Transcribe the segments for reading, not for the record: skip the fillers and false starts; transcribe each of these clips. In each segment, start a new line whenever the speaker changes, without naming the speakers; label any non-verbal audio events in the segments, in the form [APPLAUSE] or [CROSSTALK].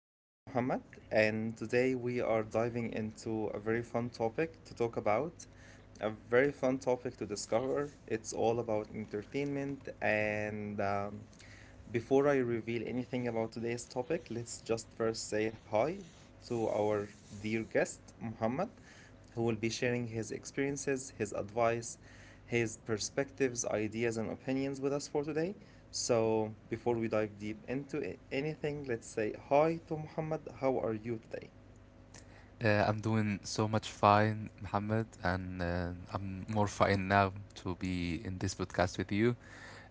This is Muhammad, and today we are diving into a very fun topic to talk about, a very fun topic to discover. It's all about entertainment. And Before I reveal anything about today's topic, let's just first say hi to our dear guest, Muhammad, who will be sharing his experiences, his advice, his perspectives, ideas, and opinions with us for today. So, before we dive deep into anything, let's say hi to Muhammad. How are you today?
I'm doing so much fine, Muhammad, and I'm more fine now to be in this podcast with you.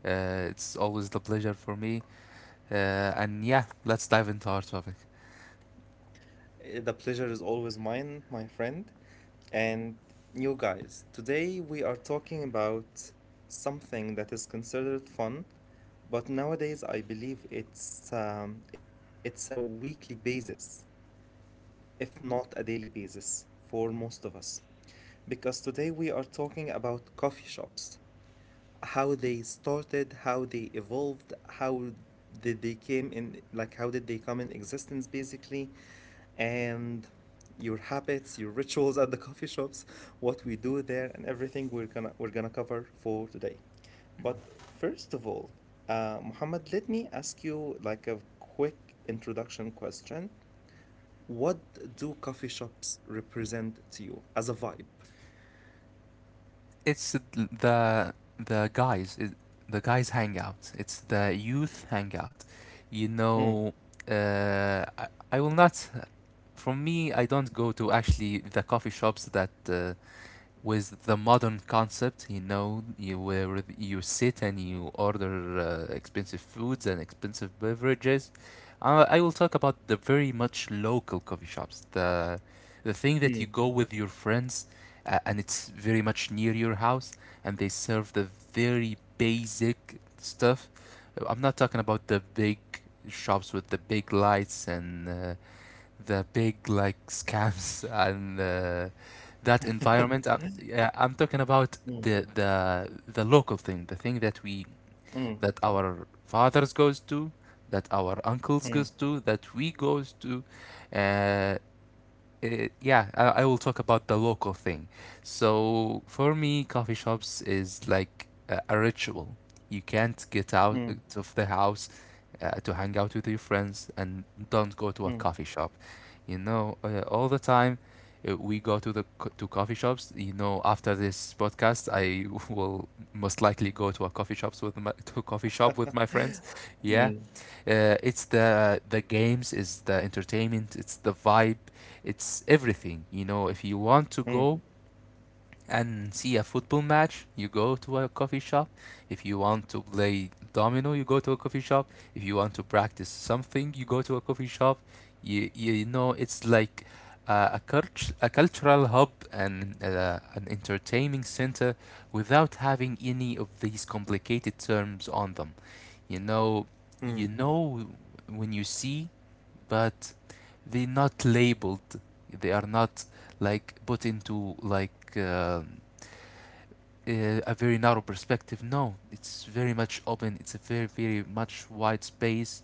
It's always the pleasure for me. Uh, and yeah, let's dive into our topic.
The pleasure is always mine, my friend. And you guys, today we are talking about something that is considered fun, but nowadays I believe it's a weekly basis, if not a daily basis, for most of us, because today we are talking about coffee shops, how they started, how they evolved, how did they came in, like how did they come in existence basically, and your habits, your rituals at the coffee shops, what we do there, and everything we're gonna cover for today. But first of all, Muhammad, let me ask you like a quick introduction question. What do coffee shops represent to you as a vibe?
It's the guys, the guys hangout. It's the youth hangout. You know, I will not. From me, I don't go to actually the coffee shops that with the modern concept, you know, you where you sit and you order expensive foods and expensive beverages. I will talk about the very much local coffee shops, the thing that you go with your friends, and it's very much near your house, and they serve the very basic stuff. I'm not talking about the big shops with the big lights and the big like scams [LAUGHS] and that
嗯
environment. Yeah, I'm talking about
嗯
the local thing, the thing that we
嗯
that our fathers goes to, that our uncles
嗯
goes to, that we goes to. Uh, yeah, I will talk about the local thing. So for me, coffee shops is like a ritual. You can't get out
嗯
of the house to hang out with your friends and don't go to a
嗯
coffee shop. You know, all the time we go to to coffee shops. You know, after this podcast, I [LAUGHS] will most likely go to a coffee shops with my [LAUGHS] to a coffee shop with my friends. Yeah,
嗯
it's the games, it's the entertainment, it's the vibe, it's everything. You know, if you want to
嗯。
go and see a football match, you go to a coffee shop. If you want to play domino, you go to a coffee shop. If you want to practice something, you go to a coffee shop. You know, it's like a cultural hub and an entertaining center without having any of these complicated terms on them. You know,
嗯
you know when you see, but they're not labeled. They are not like put into like a very narrow perspective. No, it's very much open. It's a very very much wide space,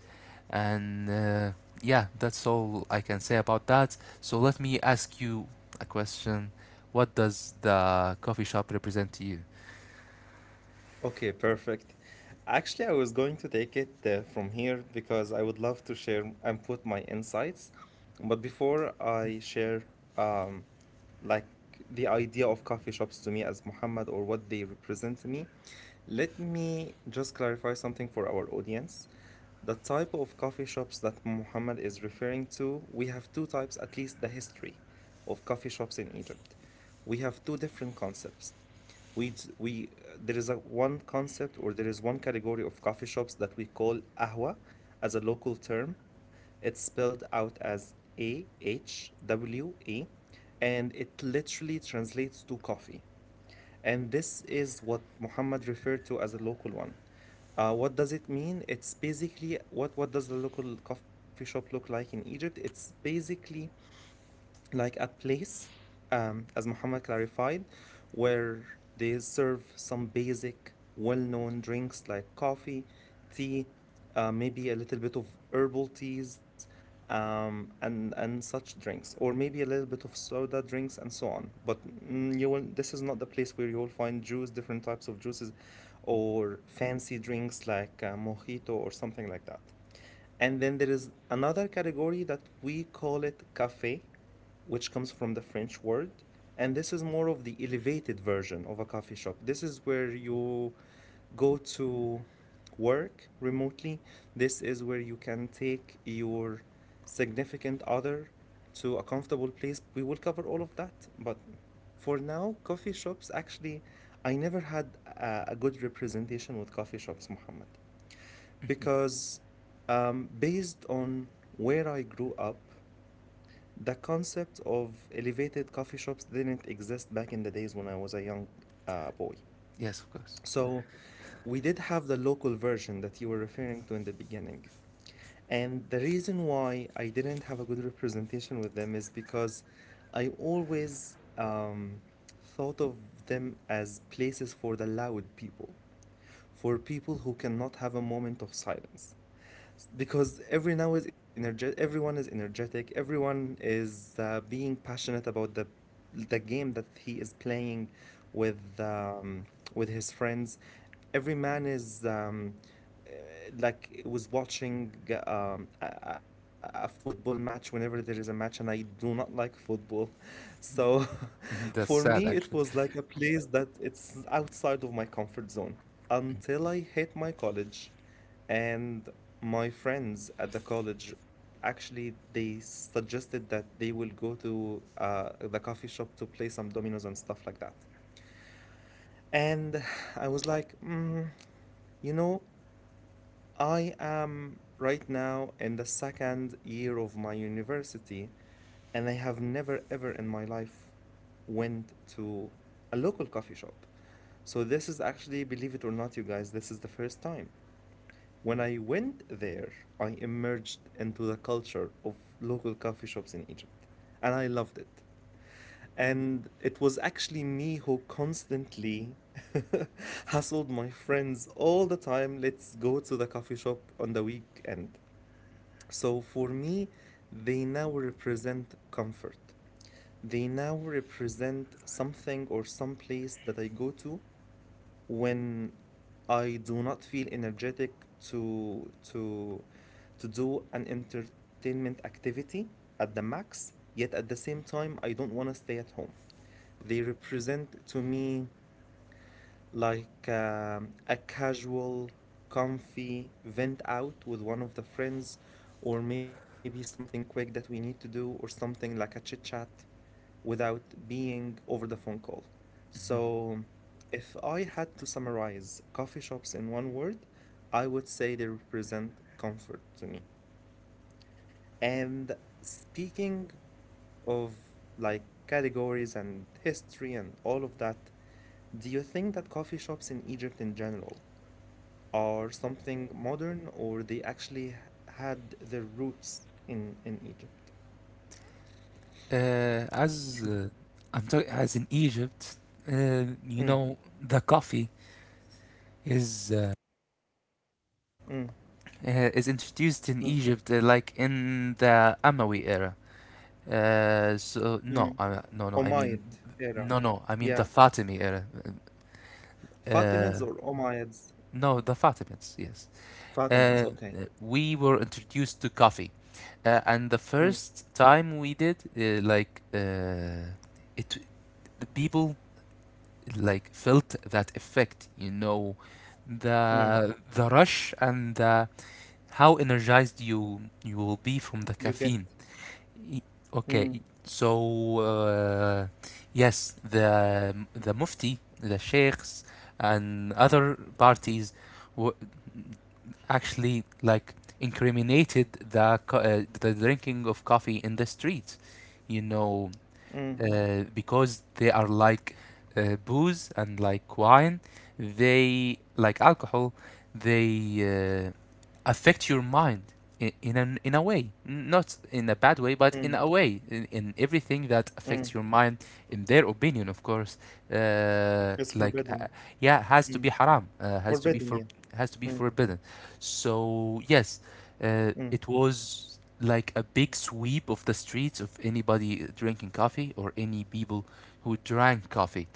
and yeah, that's all I can say about that. So let me ask you a question. What does the coffee shop represent to you?
Okay, perfect. Actually, I was going to take it from here because I would love to share and put my insights. But before I share, um, like the idea of coffee shops to me as Muhammad or what they represent to me, let me just clarify something for our audience. The type of coffee shops that Muhammad is referring to, we have two types, at least the history of coffee shops in Egypt. We have two different concepts, we we there is a one concept or there is one category of coffee shops that we call ahwa as a local term. It's spelled out as AHWA, and it literally translates to coffee. And this is what Muhammad referred to as a local one. What does it mean? It's basically what does the local coffee shop look like in Egypt? It's basically like a place, as Muhammad clarified, where they serve some basic, well known drinks like coffee, tea, maybe a little bit of herbal teas, and such drinks, or maybe a little bit of soda drinks and so on. But this is not the place where you will find juice, different types of juices, or fancy drinks like mojito or something like that. And then there is another category that we call it cafe, which comes from the French word. And this is more of the elevated version of a coffee shop. This is where you go to work remotely. This is where you can take your significant other to a comfortable place. We will cover all of that. But for now, coffee shops actually, I never had a good representation with coffee shops, Mohammed. Because based on where I grew up, the concept of elevated coffee shops didn't exist back in the days when I was a young boy.
Yes, of course.
So we did have the local version that you were referring to in the beginning. And the reason why I didn't have a good representation with them is because I always thought of them as places for the loud people, for people who cannot have a moment of silence, because everyone is energetic, everyone is being passionate about the game that he is playing with um, with his friends. Every man is like was watching a football match whenever there is a match, and I do not like football. [LAUGHS] So
[LAUGHS]
[LAUGHS]
That's
for
sad,
me it
actually.
was like a place that it's outside of my comfort zone until I hit my college, and my friends at the college actually they suggested that they will go to the coffee shop to play some dominoes and stuff like that. And [SIGHS] I was like, you know, I am right now in the 2nd year of my university, and I have never ever in my life went to a local coffee shop. So this is actually, believe it or not, you guys, this is the first time. When I went there, I emerged into the culture of local coffee shops in Egypt, and I loved it. And it was actually me who constantly [LAUGHS] hustled my friends all the time. Let's go to the coffee shop on the weekend. So for me, they now represent comfort. They now represent something or some place that I go to when I do not feel energetic to to to do an entertainment activity at the max, yet at the same time I don't want to stay at home. They represent to me like a casual, comfy vent out with one of the friends, or maybe something quick that we need to do, or something like a chit chat without being over the phone call. So, if I had to summarize coffee shops in one word, I would say they represent comfort to me. And speaking of like categories and history and all of that, do you think that coffee shops in Egypt in general are something modern or they actually had their roots in Egypt?
As I'm talking as in Egypt, you
Mm,
know the coffee is uh,
mm,
is introduced in
mm,
Egypt like in the Umayyad era. So
mm.
no, no, no. I mean
Umayyad era.
no, no. I mean the
Yeah.
Fatimid era. Uh,
Fatimids or Umayyads?
no, the Fatimids. Yes. Uh,
Fatimids, okay.
we were introduced to coffee, and the
Mm,
first time we did it, the people like felt that effect. You know,
mm.
the rush, and how energized you will be from the
You get
caffeine. Y-
Mm,
okay, so yes, the mufti, the sheikhs, and other parties w- actually like incriminated the drinking of coffee in the streets. You know,
mm,
because they are like booze and like wine, they like alcohol, they affect your mind in a way, not in a bad
mm,
way, but in a way, in everything that
mm.
affects your mind. In their opinion, of course, uh,
It's
like
forbidden.
uh, yeah, has
Mm.
to be haram, has to
Forbidden,
be
yeah.
for has to be
Mm,
forbidden. So yes,
mm,
it was like a big sweep of the streets of anybody drinking coffee or any people who drank coffee.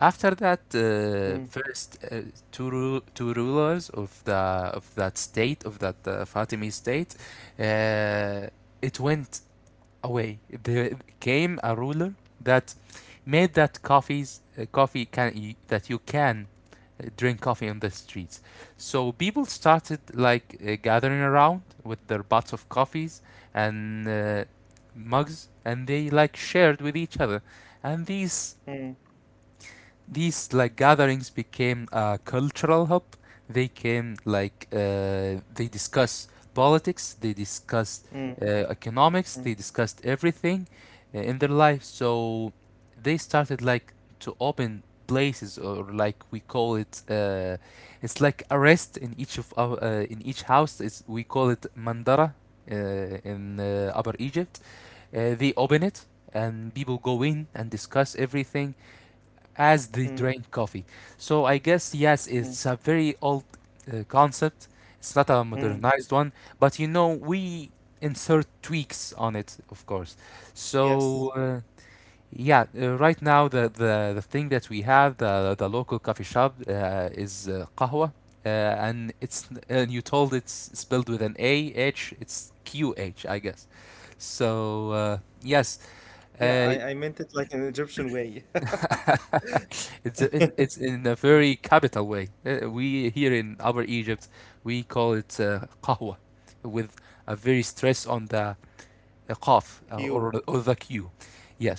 After that,
mm,
first two rulers of the of that state of that Fatimi state, uh, it went away. There came a ruler that made that coffee can, that you can drink coffee on the streets. So people started like gathering around with their pots of coffees and mugs, and they like shared with each other. And these
mm,
these like gatherings became a cultural hub. They came like they discuss politics, they discussed
mm, mm,
economics, they discussed everything in their life. So they started like to open places, or like we call it, it's like a rest in each of our in each house, we call it mandara, uh, in upper Egypt, they open it and people go in and discuss everything as they
mm,
drink coffee. So I guess yes, it's
mm,
a very old concept. It's not a
mm.
modernized one, but you know we insert tweaks on it, of course. So
Yes.
uh, yeah, right now the thing that we have, the local coffee shop, is قهوة. And you told it's spelled with an A H. It's Q H, I guess. So yes, uh,
Yeah, I meant it like an Egyptian way. [LAUGHS]
[LAUGHS] It's in a very capital way. We here in our Egypt, we call it qahwa, with a very stress on the qaf,
Q,
or the q.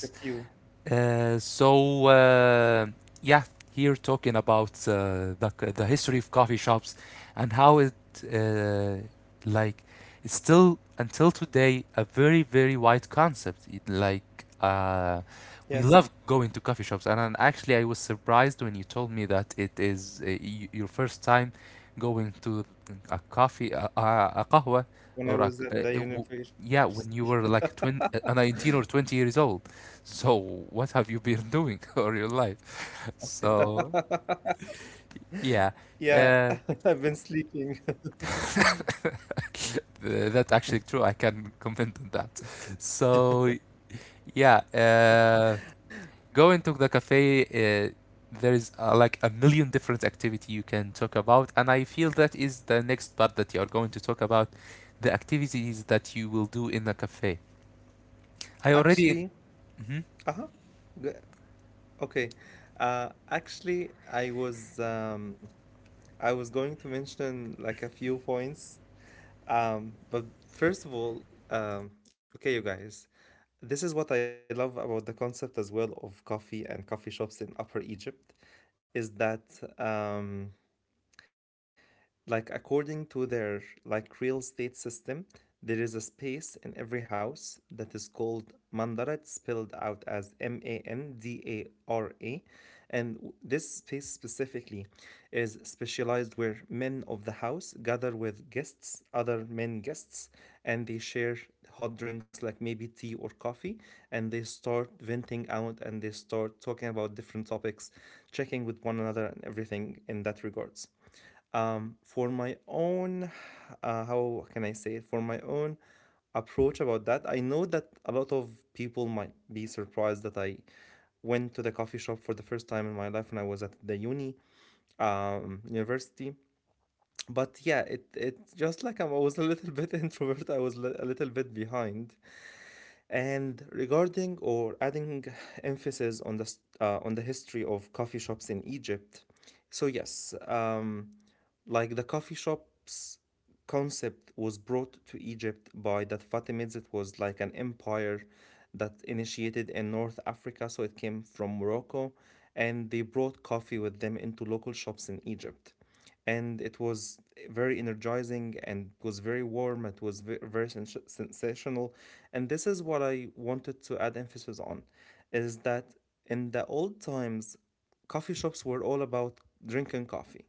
the Q.
Uh, so uh, yeah, here talking about the history of coffee shops, and how it uh, like it's still until today a very very wide concept. It, like
Yes.
we love going to coffee shops, and actually I was surprised when you told me that it is your first time going to a قهوة or
When
a,
I was at
it
the
w- yeah
university.
when you were like 20, 19 or 20 years old. So, what have you been doing [LAUGHS] all your life? So,
[LAUGHS]
yeah,
Yeah,
uh,
[LAUGHS] I've been sleeping.
that's actually true. I
[LAUGHS]
can [LAUGHS] comment on that.
Yeah,
[LAUGHS]
I
So, yeah, going to the cafe, there is like a million different activity you can talk about, and I feel that is the next part that you are going to talk about, the activities that you will do in a cafe. I
[LAUGHS]
already.
actually,
Mhm.
uh-huh. G- Okay. Actually, I was going to mention like a few points. But first of all, okay, you guys, this is what I love about the concept as well of coffee and coffee shops in Upper Egypt, is that um, like according to their like real estate system, there is a space in every house that is called mandara. It's spelled out as mandara, and this space specifically is specialized where men of the house gather with guests, other men guests, and they share hot drinks like maybe tea or coffee, and they start venting out and they start talking about different topics, checking with one another and everything in that regards. For my own, how can I say it for my own approach about that, I know that a lot of people might be surprised that I went to the coffee shop for the first time in my life when I was at the university. But yeah, it's just like I was a little [LAUGHS] bit introvert, I was a little bit behind. And regarding or adding emphasis on the history of coffee shops in Egypt, so yes, like the coffee shops concept was brought to Egypt by that Fatimids. It was like an empire that initiated in North Africa, so it came from Morocco, and they brought coffee with them into local shops in Egypt. And it was very energizing and was very warm. It was very sensational, and this is what I wanted to add emphasis on, is that in the old times, coffee shops were all about drinking coffee,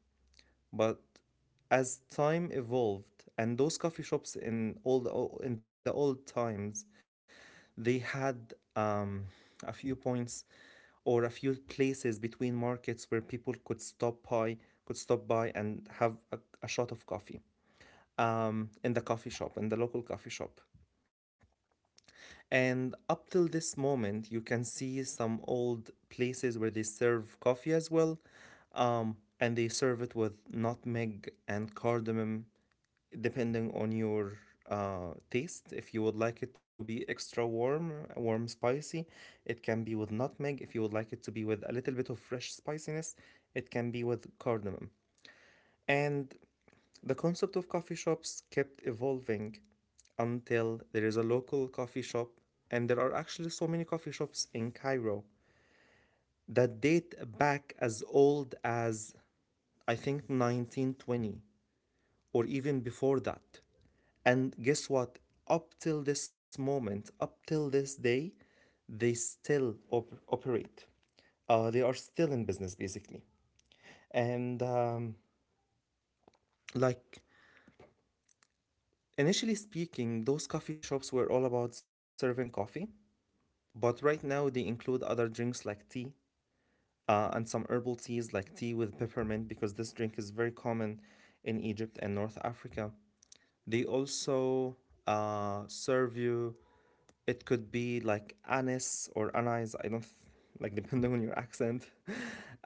but as time evolved, and those coffee shops in the old times, they had a few points or a few places between markets where people could stop by and have a shot of coffee in the coffee shop, in the local coffee shop. And up till this moment, you can see some old places where they serve coffee as well. And they serve it with nutmeg and cardamom depending on your taste. If you would like it to be extra warm, warm spicy, it can be with nutmeg. If you would like it to be with a little bit of fresh spiciness, it can be with cardamom. And the concept of coffee shops kept evolving until there is a local coffee shop, and there are actually so many coffee shops in Cairo that date back as old as I think 1920 or even before that. And guess what? Up till this moment, up till this day, they still operate. They are still in business basically. And like initially speaking, those coffee shops were all about serving coffee, but right now they include other drinks like tea and some herbal teas like tea with peppermint because this drink is very common in Egypt and North Africa. They also serve you, it could be like anise or anise, I don't like [LAUGHS] depending on your accent,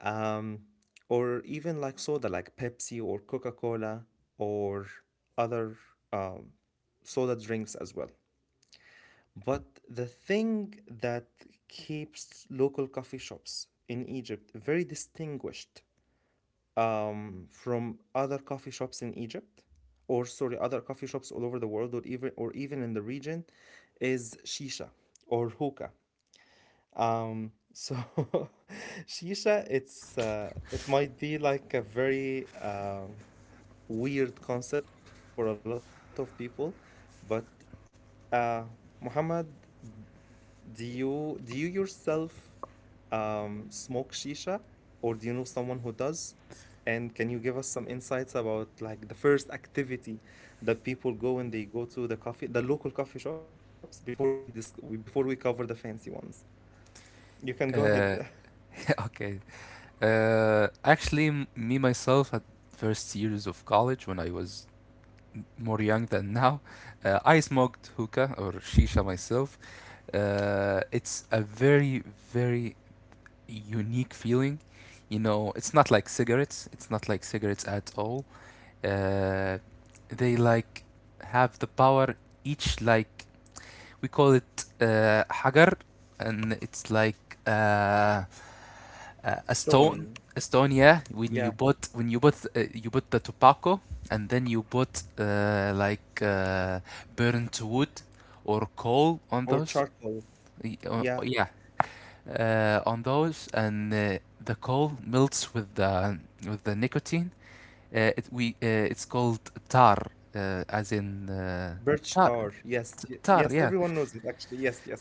um, or even like soda like Pepsi or Coca Cola or other um, soda drinks as well. But the thing that keeps local coffee shops in Egypt very distinguished from other coffee shops in Egypt, or sorry, other coffee shops all over the world, or even in the region, is shisha or hookah. So [LAUGHS] shisha, it might be like a very weird concept for a lot of people, but uh, Muhammad, do you yourself smoke shisha, or do you know someone who does? And can you give us some insights about like the first activity that people go when they go to the local coffee shops, before we cover the fancy ones? You can go ahead. [LAUGHS]
Uh, [LAUGHS] okay. Actually, me myself at first years of college when I was more young than now. I smoked hookah or shisha myself. It's a very, very unique feeling. You know, it's not like cigarettes. It's not like cigarettes at all. Uh, they like have the power, each like we call it hagar, and it's like uh,
Stone,
Eston Estonia
yeah,
when you bought the tobacco, and then you bought burnt wood or coal
or
on those
charcoal, yeah,
yeah, on those, and the coal melts with the nicotine. It's called tar, as in
birch
tar
tar. Yes, y-
tar.
yes,
Yeah,
everyone knows it actually. Yes, yes.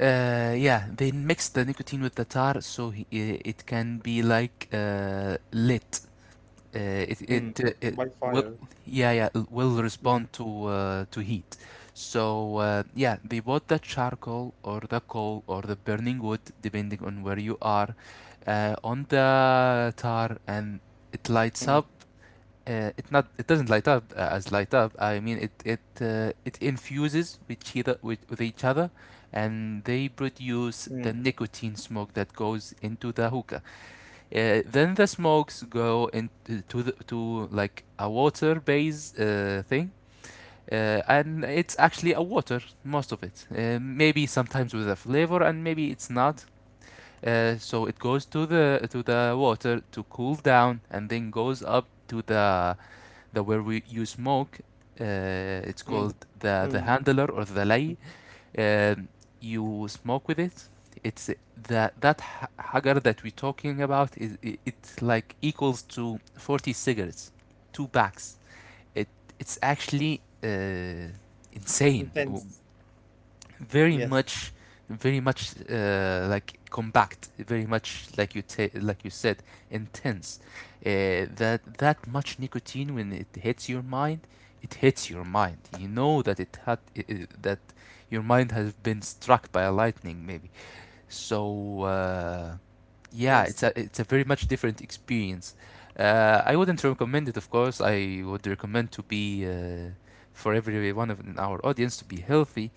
yeah, they mix the nicotine with the tar, so it can be like lit. Uh,
Mm.
it
By
will,
fire,
yeah, yeah, it will respond
yeah.
to heat. So yeah, they bought the charcoal or the coal or the burning wood, depending on where you are, on the tar, and it
Mm,
lights up. It doesn't light up as light up. I mean it infuses with each other, with each other, and they
mm,
produce the nicotine smoke that goes into the hookah. Then the smokes go into to to like a water base thing, and it's actually a water most of it. Maybe sometimes with a flavor, and maybe it's not. So it goes to the water to cool down, and then goes up to the where we you smoke. It's
mm,
called
mm.
the handler or the lay, um, you smoke with it. It's that that ha- that we're talking about is it's like equals to 40 cigarettes, two packs. it it's actually insane,
Intense.
very
Yes.
much, very much like compact, very much like like you said, intense. That that much nicotine when it hits your mind, you know that it had I- that your mind has been struck by a lightning maybe. So yeah, it's
Yes.
a, it's a very much different experience. I wouldn't recommend it, of course. I would recommend to be for every one of in our audience to be healthy,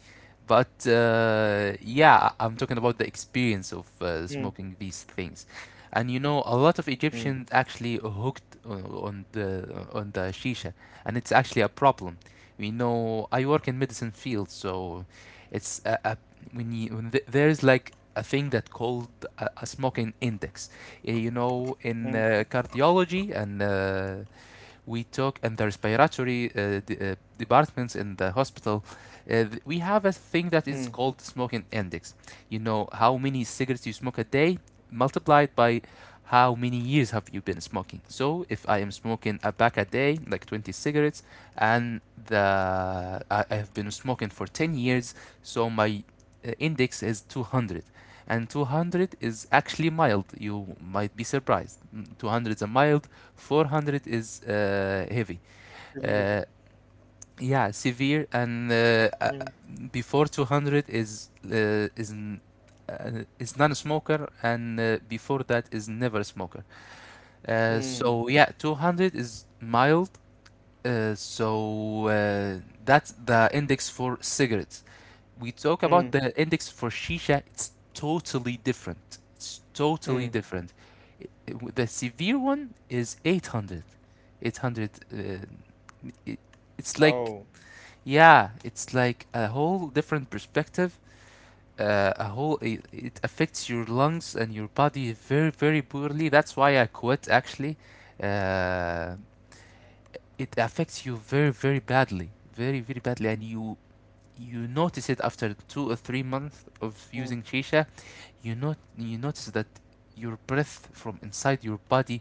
but yeah, I'm talking about the experience of
Mm,
smoking these things, and you know, a lot of
mm,
Egyptians actually hooked on the shisha, and it's actually a problem. We know I work in medicine field, so it's a when you when there is like a thing that called a smoking index. You know
mm,
in cardiology and we took in the respiratory departments in the hospital, we have a thing that
mm.
is called smoking index. You know how many cigarettes you smoke a day, multiplied by how many years have you been smoking. So if I am smoking a pack a day, like 20 cigarettes, and I have been smoking for 10 years, so my index is 200, and 200 is actually mild. You might be surprised. 200 is a mild, 400 is heavy. Uh,
Severe.
yeah, severe, and
Mm,
before 200 is is non-smoker, and before that is never smoker.
mm,
So yeah, 200 is mild. So that's the index for cigarettes. We talk about
mm,
the index for shisha, it's totally different. It's totally
mm.
different. The severe one is 800. 800, it, it's like,
Oh,
yeah, it's like a whole different perspective. It affects your lungs and your body very, very poorly. That's why I quit, actually. Uh, it affects you very, very badly. Very, very badly, and you notice it after 2 or 3 months of
mm.
using shisha. You not you notice that your breath from inside your body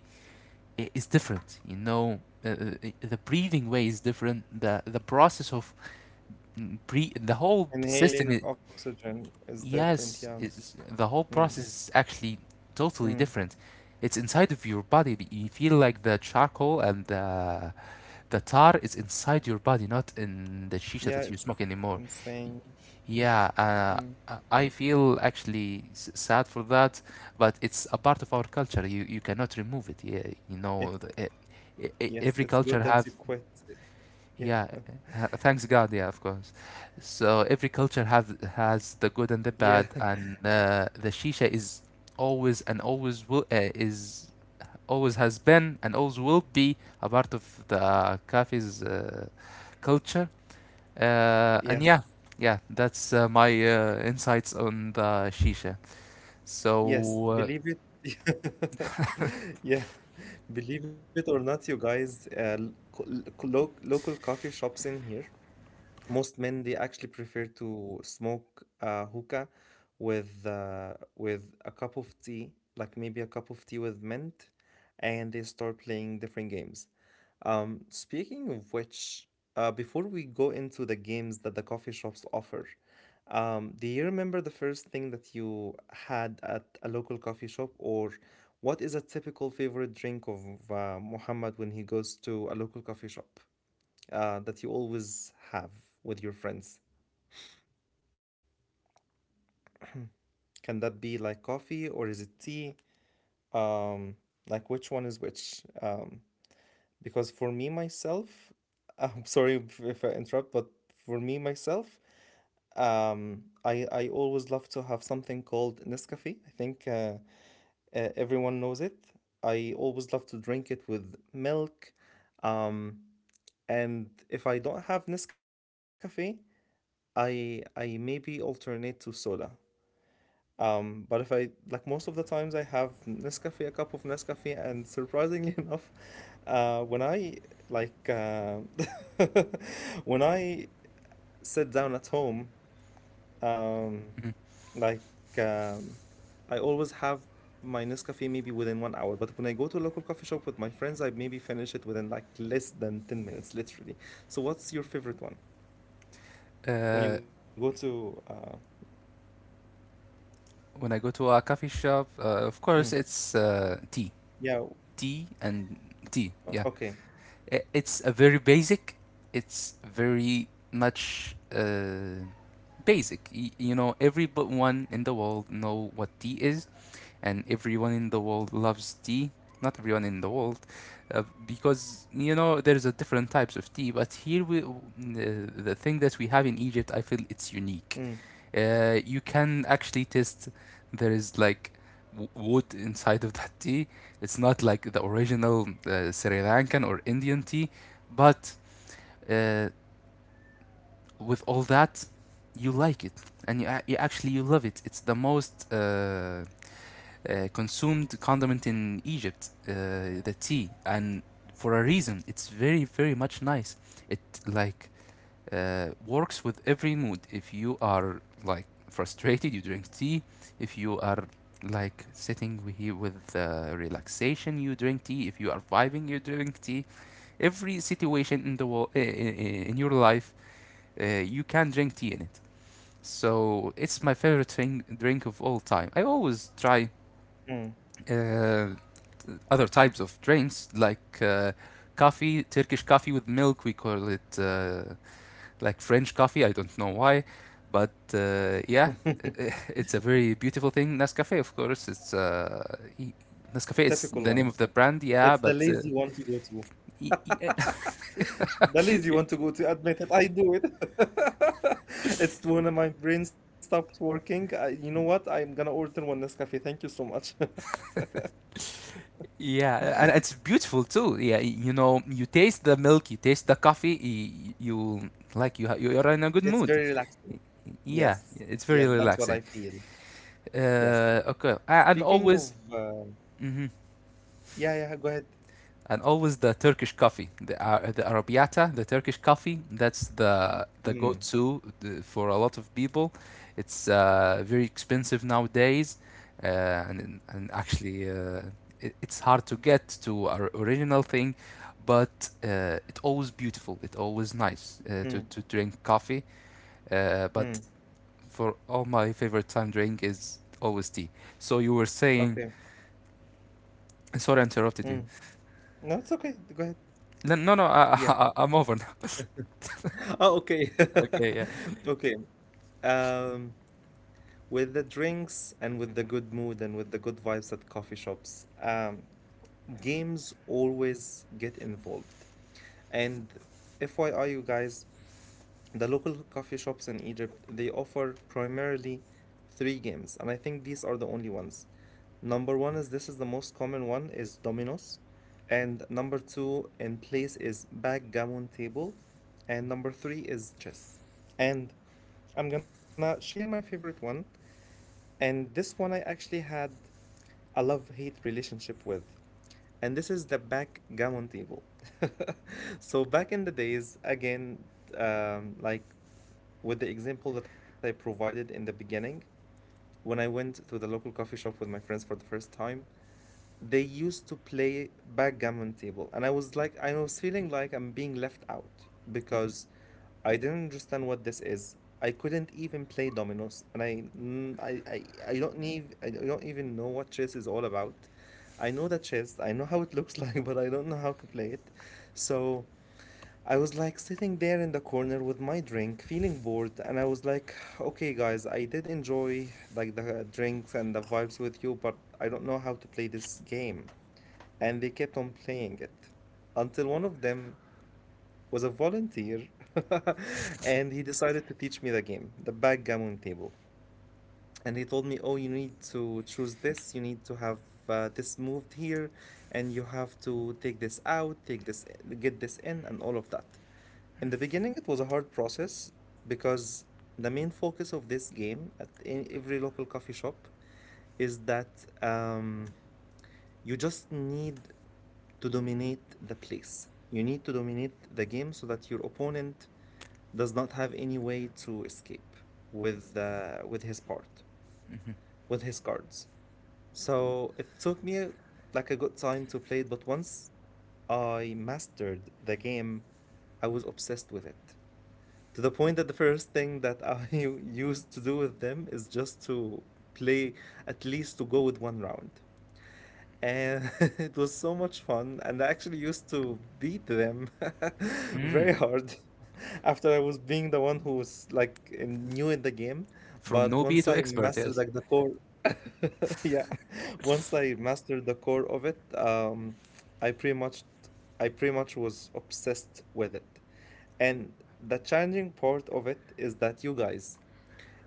is different. The breathing way is different. The process of the whole system I
Inhaling oxygen is different.
yes
Yeah.
is the whole
Mm,
process is actually totally
mm.
different. It's inside of your body. You feel like the charcoal and the tar is inside your body, not in the shisha that
Yeah,
you
it's
smoke anymore. Y-
insane.
Yeah,
Mm.
I I feel actually sad for that, but it's a part of our culture. You cannot remove it. Yeah, you
It's
know, the, e- e- e-
yes, it's
every
good
culture
that you
have.
quit. Yeah. [LAUGHS]
Yeah. Thanks God, yeah, of course. So every culture have has the good and the
Yeah.
bad,
[LAUGHS]
and the shisha is always and always will uh, is always has been and always will be a part of the cafe's culture. And yeah,
Yes.
yeah, that's my insights on the shisha.
Yes.
So uh,
Believe it. [LAUGHS] Yeah. Believe it or not, you guys, l- co- lo local coffee shops in here, most men, they actually prefer to smoke hookah with a cup of tea, like maybe a cup of tea with mint, and they start playing different games. Speaking of which, before we go into the games that the coffee shops offer, do you remember the first thing that you had at a local coffee shop, or what is a typical favorite drink of Muhammad when he goes to a local coffee shop, that you always have with your friends? Can that be like coffee, or is it tea? Um, like which one is which? Because for me myself, [LAUGHS] I'm sorry if I interrupt, but for me myself, I always love to have something called Nescafe. I think everyone knows it. I always love to drink it with milk. Um, and if I don't have Nescafe, I maybe alternate to soda. But if I, like, most of the times I have Nescafe, a cup of Nescafe, and surprisingly [LAUGHS] enough, when I like uh, [LAUGHS] when I sit down at home, um,
mhm.
like um, I always have my Nescafe maybe within 1 hour. But when I go to a local coffee shop with my friends, I maybe finish it within like less than 10 minutes, literally. So what's your favorite one when
uh,
you go to?
when I go to a coffee shop, of
Mm,
course it's tea,
yeah,
tea and tea. Yeah,
okay,
it's a very basic. It's very much. Basic. You know, everyone in the world know what tea is, and everyone in the world loves tea. Not everyone in the world, because there's a different types of tea. But here the thing that we have in Egypt, I feel it's unique.
mm,
You can actually taste there is like wood inside of that tea. It's not like the original Sri Lankan or Indian tea, but uh, with all that, you like it, and you, a- you actually you love it. It's the most consumed condiment in Egypt, the tea, and for a reason. It's very, very much nice. It like works with every mood. If you are like frustrated, you drink tea. If you are like sitting here with relaxation, you drink tea. If you are vibing, you drink tea. Every situation in the world, in your life, you can drink tea in it. So it's my favorite thing, drink of all time. I always try
mm.
uh, other types of drinks like coffee, Turkish coffee with milk. We call it like French coffee. I don't know why, but yeah, [LAUGHS] i- it's a very beautiful thing. Nescafe, of course,
[LAUGHS]
Nescafe is
Typical
the name
one.
of the brand. Yeah,
It's the
but
lazy one to go to.
e- e-
[LAUGHS] The lazy one to go to. Admit it. I do it. [LAUGHS] It's when my brain stops working. You know what? I'm gonna order one Nescafe. Thank you so much. [LAUGHS]
[LAUGHS] yeah, and it's beautiful too. Yeah, you taste the milk, you taste the coffee, you like you're in a good
It's
mood.
very relaxing.
Yeah,
Yes.
it's very
Yes, that's what
relaxing.
I feel. Yes.
Okay,
Speaking of,
hmm
yeah, yeah, go ahead.
And always the Turkish coffee, the Ar- the arabiata, the Turkish coffee. That's the
Mm,
go-to for a lot of people. It's very expensive nowadays, and actually it's hard to get to our original thing, but it's always beautiful. It's always nice to
mm,
to drink coffee. But
mm.
for all my favorite time drink is always tea. So you were saying,
Okay.
sorry, I interrupted you.
Mm. No, it's okay. Go ahead.
No, no, no.
Yeah.
[LAUGHS] I'm over.
[LAUGHS] Oh, okay.
Okay, yeah.
[LAUGHS] Okay. Um, with the drinks and with the good mood and with the good vibes at coffee shops. Games always get involved. And FYI, you guys, the local coffee shops in Egypt, they offer primarily three games, and I think these are the only ones. Number one is, this is the most common one, is Dominoes, and number two in place is backgammon table, and number three is chess. And I'm gonna share my favorite one, and this one I actually had a love hate relationship with. And this is the backgammon table. [LAUGHS] So, back in the days, again, like with the example that I provided in the beginning, when I went to the local coffee shop with my friends for the first time, they used to play backgammon table, and I was, like, I was feeling like I'm being left out, because I didn't understand what this is. I couldn't even play dominoes, and I, I, I i i, I don't even know what chess is all about. I know the chess, I know how it looks [LAUGHS] like, but I don't know how to play it. So I was, like, sitting there in the corner with my drink, feeling bored, and I was like, okay, guys, I did enjoy like the drinks and the vibes with you, but I don't know how to play this game. And they kept on playing it until one of them was a volunteer, [LAUGHS] and he decided to teach me the game, the backgammon table. And he told me, oh, you need to choose this, you need to have this moved here, and you have to take this out, take this, get this in, and all of that. In the beginning, it was a hard process, because the main focus of this game at in every local coffee shop is that, um, you just need to dominate the place. You need to dominate the game so that your opponent does not have any way to escape with his part, with his cards. So it took me like a good time to play it, but once I mastered the game, I was obsessed with it, to the point that the first thing that I [LAUGHS] used to do with them is just to play, at least to go with one round. And [LAUGHS] it was so much fun, and I actually used to beat them [LAUGHS] very
Mm.
hard [LAUGHS] after I was being the one who was, like, new in the game.
From
But
newbie
once
to
I
expert,
mastered
yes.
like the core, [LAUGHS] yeah, once I mastered the core of it, I pretty much, I pretty much was obsessed with it. And the challenging part of it is that, you guys,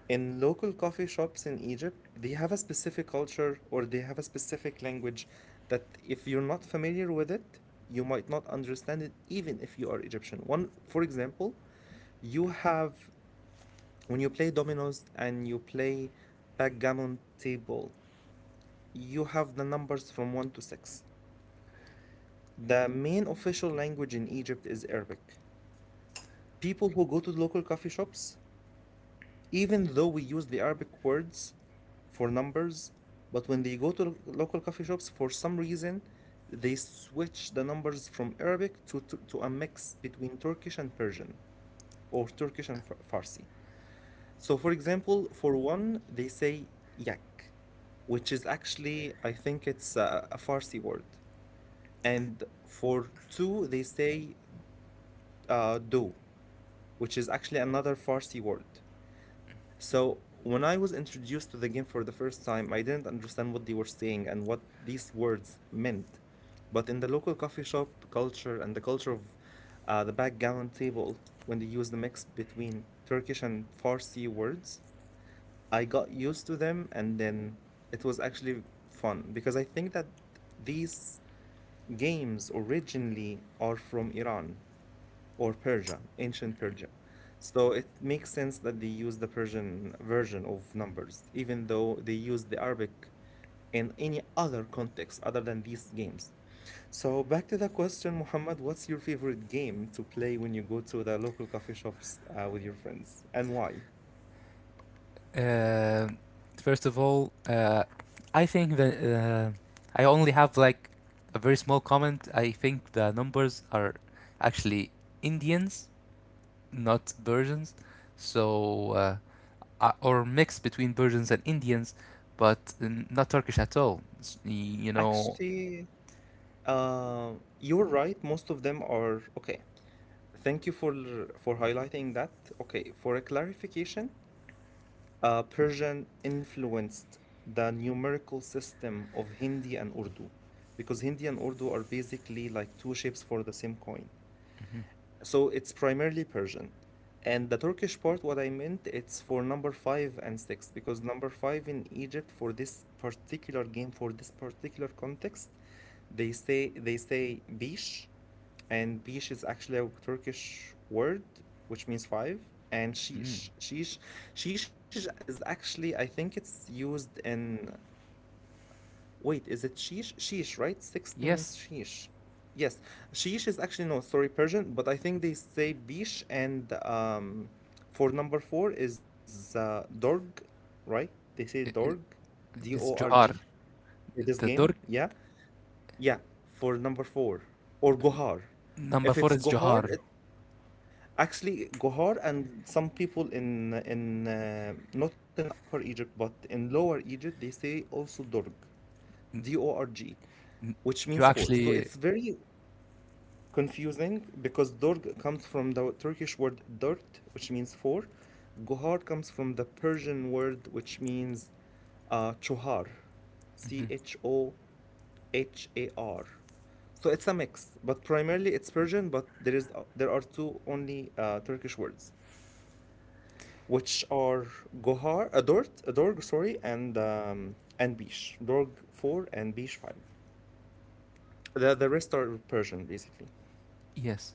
in local coffee shops in Egypt, they have a specific culture, or they have a specific language, that if you're not familiar with it, you might not understand it, even if you are Egyptian. One, for example, you have, when you play dominoes and you play backgammon table, you have the numbers from 1 to 6. The main official language in Egypt is Arabic. People who go to local coffee shops, even though we use the Arabic words for numbers, but when they go to local coffee shops, for some reason, they switch the numbers from Arabic to a mix between Turkish and Persian, or Turkish and Farsi. So, for example, for one, they say yak, which is actually, I think, it's a Farsi word. And for two, they say do, which is actually another Farsi word. So when I was introduced to the game for the first time, I didn't understand what they were saying and what these words meant. But in the local coffee shop culture, and the culture of the backgammon table, when they use the mix between Turkish and Farsi words, I got used to them, and then it was actually fun, because I think that these games originally are from Iran or Persia, ancient Persia. So it makes sense that they use the Persian version of numbers, even though they use the Arabic in any other context other than these games. So back to the question, Muhammad, what's your favorite game to play when you go to the local coffee shops, with your friends, and why?
Uh, First of all, I think that I only have like a very small comment. I think the numbers are actually Indians, not Persians. So, or mix between Persians and Indians, but not Turkish at all. It's, you know.
Actually, uh, you're right. Most of them are okay. Thank you for highlighting that. Okay, for a clarification, Persian influenced the numerical system of Hindi and Urdu, because Hindi and Urdu are basically like two shapes for the same coin.
Mhm.
So it's primarily Persian. And the Turkish part, what I meant, it's for number five and six, because number five in Egypt, for this particular game, for this particular context, they say bish, and bish is actually a Turkish word which means five, and
Mm.
sheesh. Sheesh, sheesh is actually, I think, it's used in, wait, is it sheesh? Sheesh, right? Six means
Yes,
sheesh. Yes, sheesh is actually, no, sorry, Persian, but I think they say bish, and for number four is dorg, right? They say dorg,
I it's
dorg,
Johar.
for this
The
game.
Turk
Yeah, yeah, for number four or gohar.
Number
If
four
it's
is
gohar,
Johar.
it actually gohar, and some people in not in Upper Egypt but in Lower Egypt they say also dorg, dorg, which means
You
four. So it's
actually.
very confusing, because dorg comes from the Turkish word dört, which means four. Gohar comes from the Persian word which means chohar, C
Mhm.
H O H A R. So it's a mix, but primarily it's Persian. But there are two only Turkish words, which are gohar, dört adort, dorg sorry, and bish, dorg four and bish five. The rest are Persian basically.
Yes.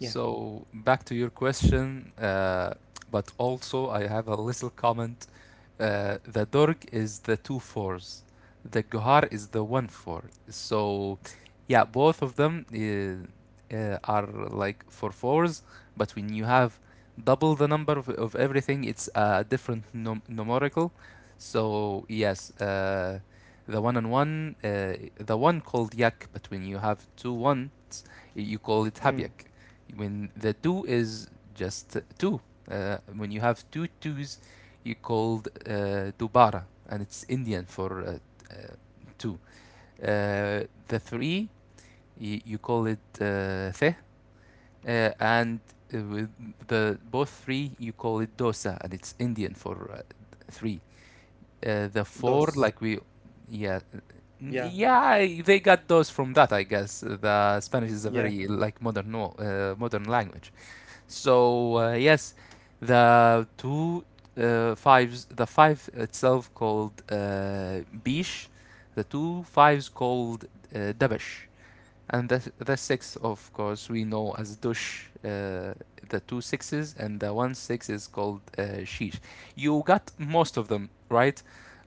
Yeah.
back to your question, but also I have a little comment. The dorg is the two fours, the gohar is the one four. So yeah, both of them are like for fours, but when you have double the number of everything, it's a different numerical. So yes, the one and one, the one called yak, but when you have two ones, you
Mm,
call it habyak when the two is just two. When you have two twos, you called dubara, and it's Indian for uh, two. The three, you call it the, uh, and with the both three, you call it dosa, and it's Indian for three. The
DOS.
four, like we, yeah.
Yeah,
Yeah, they got those from that, I guess. The Spanish is
yeah.
a very like modern, no, modern language. So yes, the two fives, the five itself called bish, the two fives called dabash, and the six, of course, we know as dush. The two sixes and the one six is called sheesh. You got most of them right,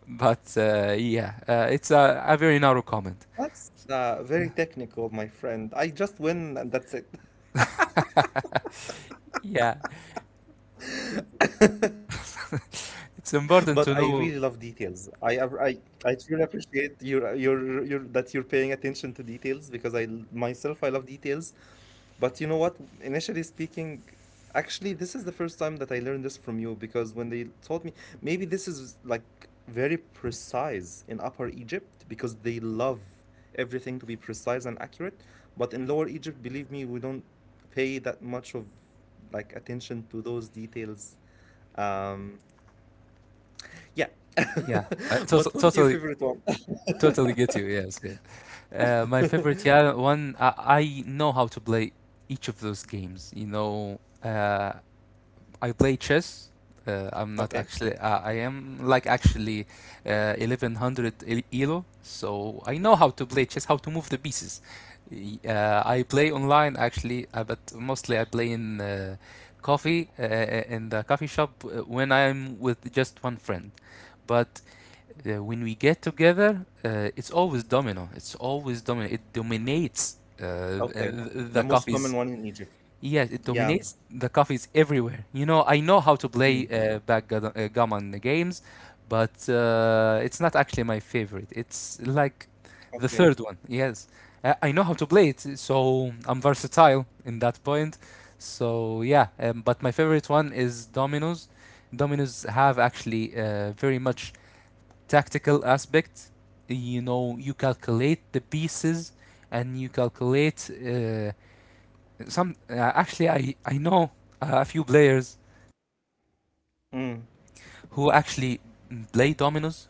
but yeah, it's a very narrow comment.
That's very technical, my friend. I just win and that's it.
Yeah,
[LAUGHS] But I really love
it's
details.
important to
I ap-
know.
I truly appreciate your that you're paying attention to details because myself I love details. But you know what? Initially speaking, actually, this is the first time that I learned this from you because when they told me, maybe this is like very precise in Upper Egypt because they love everything to be precise and accurate. But in Lower Egypt, believe me, we don't pay that much of like attention to those details. Um, yeah.
Yeah, I,
[LAUGHS]
to-
But what's your
totally
favorite one? [LAUGHS]
Totally get you. Yes, yes. My favorite, yeah, one. I know how to play each of those games. I play chess. I'm not
Okay.
actually. I am like actually 1100 elo, so I know how to play chess, how to move the pieces. I play online actually, but mostly I play in the coffee shop when I'm with just one friend. But when we get together, it's always domino. It's always domino. It dominates
Okay. The
the
most
coffees.
common one in Egypt.
Yes, it
Yeah.
dominates the coffees everywhere. I know how to play
Mm.
backgammon, gammon games, but it's not actually my favorite. It's like the
Okay.
third one. Yes, I know how to play it, so I'm versatile in that point. So yeah, but my favorite one is dominoes. Dominoes have actually very much tactical aspect. You calculate the pieces and you calculate some actually, I know a few players
Mm.
who actually play dominoes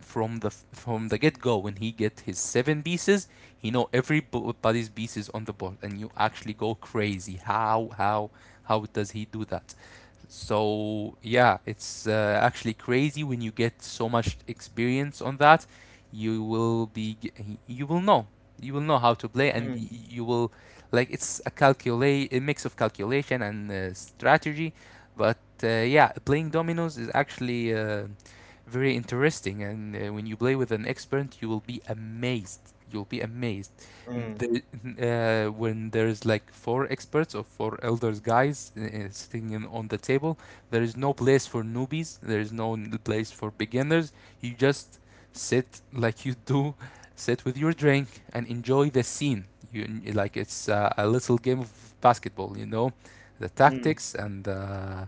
from the get go. When he get his seven pieces, he know everybody's pieces on the board, and you actually go crazy how does he do that. So yeah, it's actually crazy when you get so much experience on that. You will be g- y- you will know how to play, and y-
Mm.
you will, like, it's a mix of calculation and strategy. But yeah, playing dominoes is actually very interesting, and when you play with an expert, you will be amazed. You'll be amazed
Mm,
the, when there is like four experts or four elders guys sitting on the table. There is no place for newbies. There is no place for beginners. You just sit, like you do, sit with your drink and enjoy the scene. Like it's a little game of basketball. The
mm,
tactics and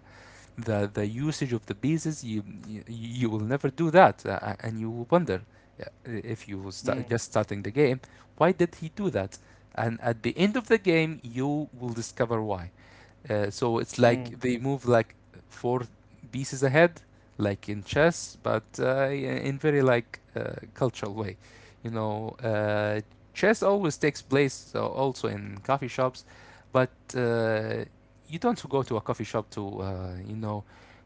the usage of the pieces, you will never do that, and you will wonder if you will
mm,
start just starting the game, why did he do that. And at the end of the game you will discover why. So it's
mm.
like they move like four pieces ahead, like in chess, but in very like cultural way. You know, uh, Chess always takes place also in coffee shops, but uh, you don't go to a coffee shop to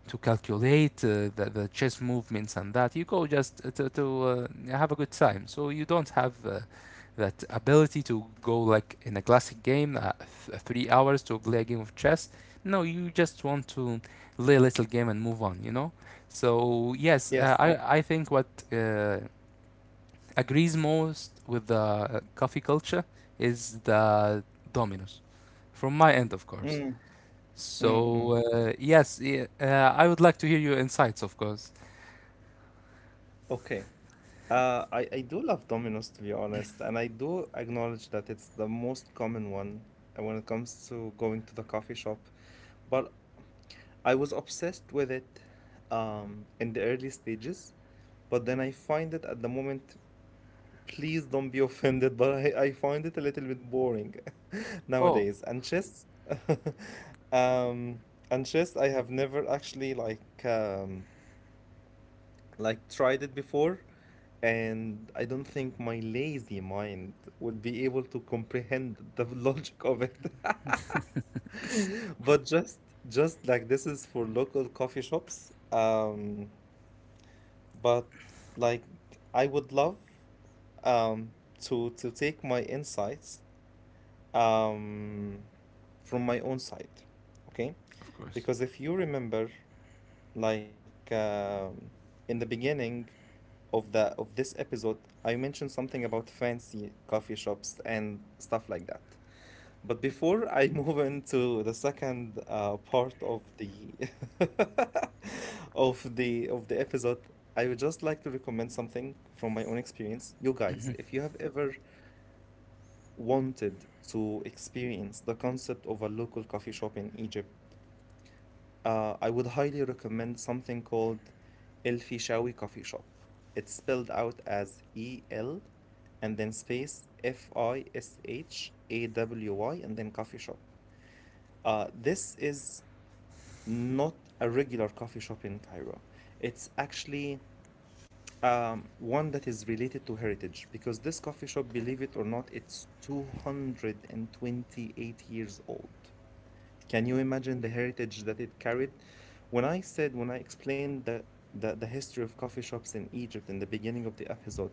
to calculate the chess movements and that. You go just to have a good time. So you don't have that ability to go, like, in a classic game, 3 hours to play a game of chess. No, you just want to play a little game and move on, you know? So, yes,
Yes.
I think what uh, agrees most with the coffee culture is the dominoes, from my end, of course.
Mm, mm,
So,
mm.
yes, yeah, I would like to hear your insights, of course.
Okay. I do love Domino's, to be honest, and I do acknowledge that it's the most common one when it comes to going to the coffee shop. But I was obsessed with it in the early stages, but then I find it at the moment. Please don't be offended, but I find it a little bit boring [LAUGHS]
Oh,
nowadays. And chess, [LAUGHS] um, and chess, I have never actually like tried it before, and I don't think my lazy mind would be able to comprehend the [LAUGHS] logic of it. [LAUGHS] But just like this is for local coffee shops, but like I would love um to take my insights um from my own side, okay,
of course.
because if you remember like in the beginning of the of this episode I mentioned something about fancy coffee shops and stuff like that, but before I [LAUGHS] move into the second part of the [LAUGHS] of the episode, I would just like to recommend something from my own experience. You guys, if you have ever wanted to experience the concept of a local coffee shop in Egypt, I would highly recommend something called El Fishawi Coffee Shop. It's spelled out as E L and then space Fishawy and then coffee shop. This is not a regular coffee shop in Cairo. It's actually one that is related to heritage because this coffee shop, believe it or not, it's 228 years old. Can you imagine the heritage that it carried? When I said, when I explained the history of coffee shops in Egypt in the beginning of the episode,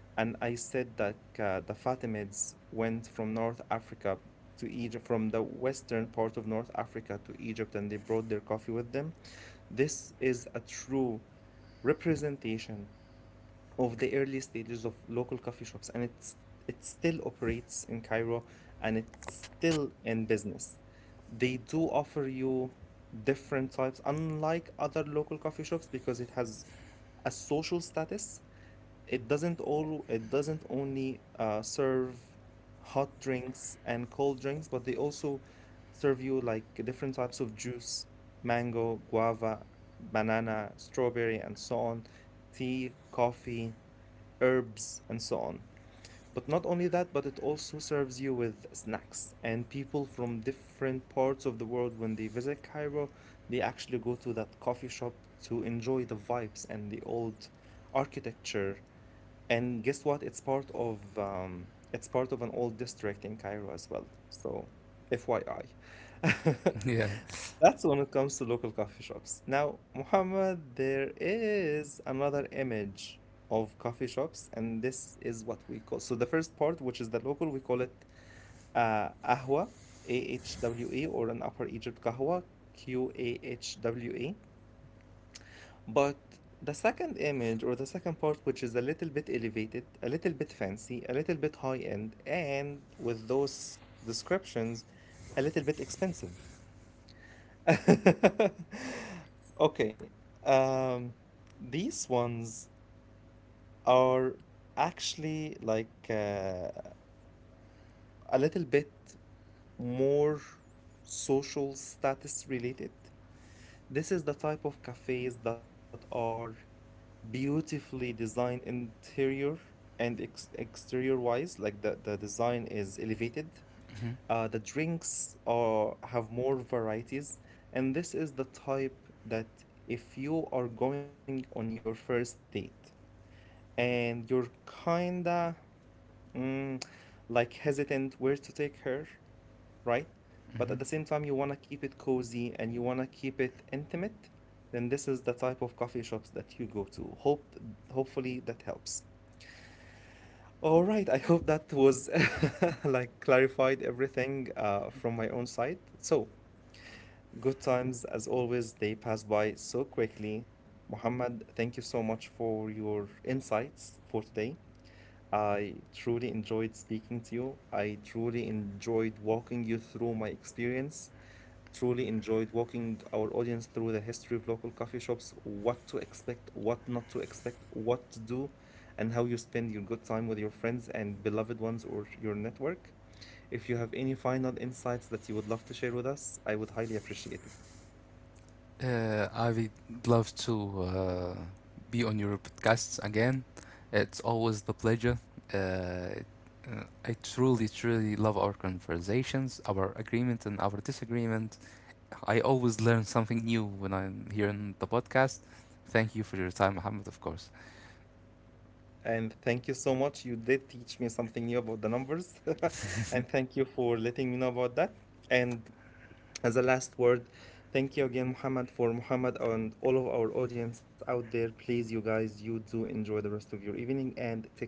and I said that the Fatimids went from North Africa to Egypt, from the western part of North Africa to Egypt, and they brought their coffee with them, this is a true representation of the early stages of local coffee shops, and it still operates in Cairo and it's still in business. They do offer you different types, unlike other local coffee shops, because it has a social status. It doesn't only serve hot drinks and cold drinks, but they also serve you like different types of juice, mango, guava, banana, strawberry, and so on, tea, coffee, herbs, and so on. But not only that, but it also serves you with snacks. And people from different parts of the world, when they visit Cairo, they actually go to that coffee shop to enjoy the vibes and the old architecture. And guess what? It's part of an old district in Cairo as well. So, FYI.
[LAUGHS] Yeah.
[LAUGHS] That's when it comes to local coffee shops. Now, Muhammad, there is another image of coffee shops, and this is what we call. So the first part, which is the local, we call it ahwa, A H W A, or an Upper Egypt kahwa, qahwa. But the second image, or the second part, which is a little bit elevated, a little bit fancy, a little bit high end, and with those descriptions, a little bit expensive. [LAUGHS] Okay. Um, these ones are actually like a little bit more social status related. This is the type of cafes that are beautifully designed interior and ex exterior wise. Like the design is elevated.
Mhm,
The drinks are have more varieties, and this is the type that if you are going on your first date and you're kinda mm, like hesitant where to take her, right? But
mhm.
at the same time, you wanna keep it cozy and you wanna keep it intimate, then this is the type of coffee shops that you go to. Hope, hopefully, that helps. All right, I hope that was [LAUGHS] like clarified everything from my own side. So, good times as always, they pass by so quickly. Muhammad, thank you so much for your insights for today. I truly enjoyed speaking to you. I truly enjoyed walking you through my experience. Truly enjoyed walking our audience through the history of local coffee shops, what to expect, what not to expect, what to do, and how you spend your good time with your friends and beloved ones or your network. If you have any final insights that you would love to share with us, I would highly appreciate it.
I would love to be on your podcast again. It's always the pleasure. Uh, I truly, truly love our conversations, our agreement, and our disagreement. I always learn something new when I'm here on the podcast. Thank you for your time, Mohammed, of course.
And thank you so much. You did teach me something new about the numbers. [LAUGHS] And thank you for letting me know about that. And as a last word, thank you again, Muhammad, for Muhammad and all of our audience out there. Please, you guys, you do enjoy the rest of your evening and take care.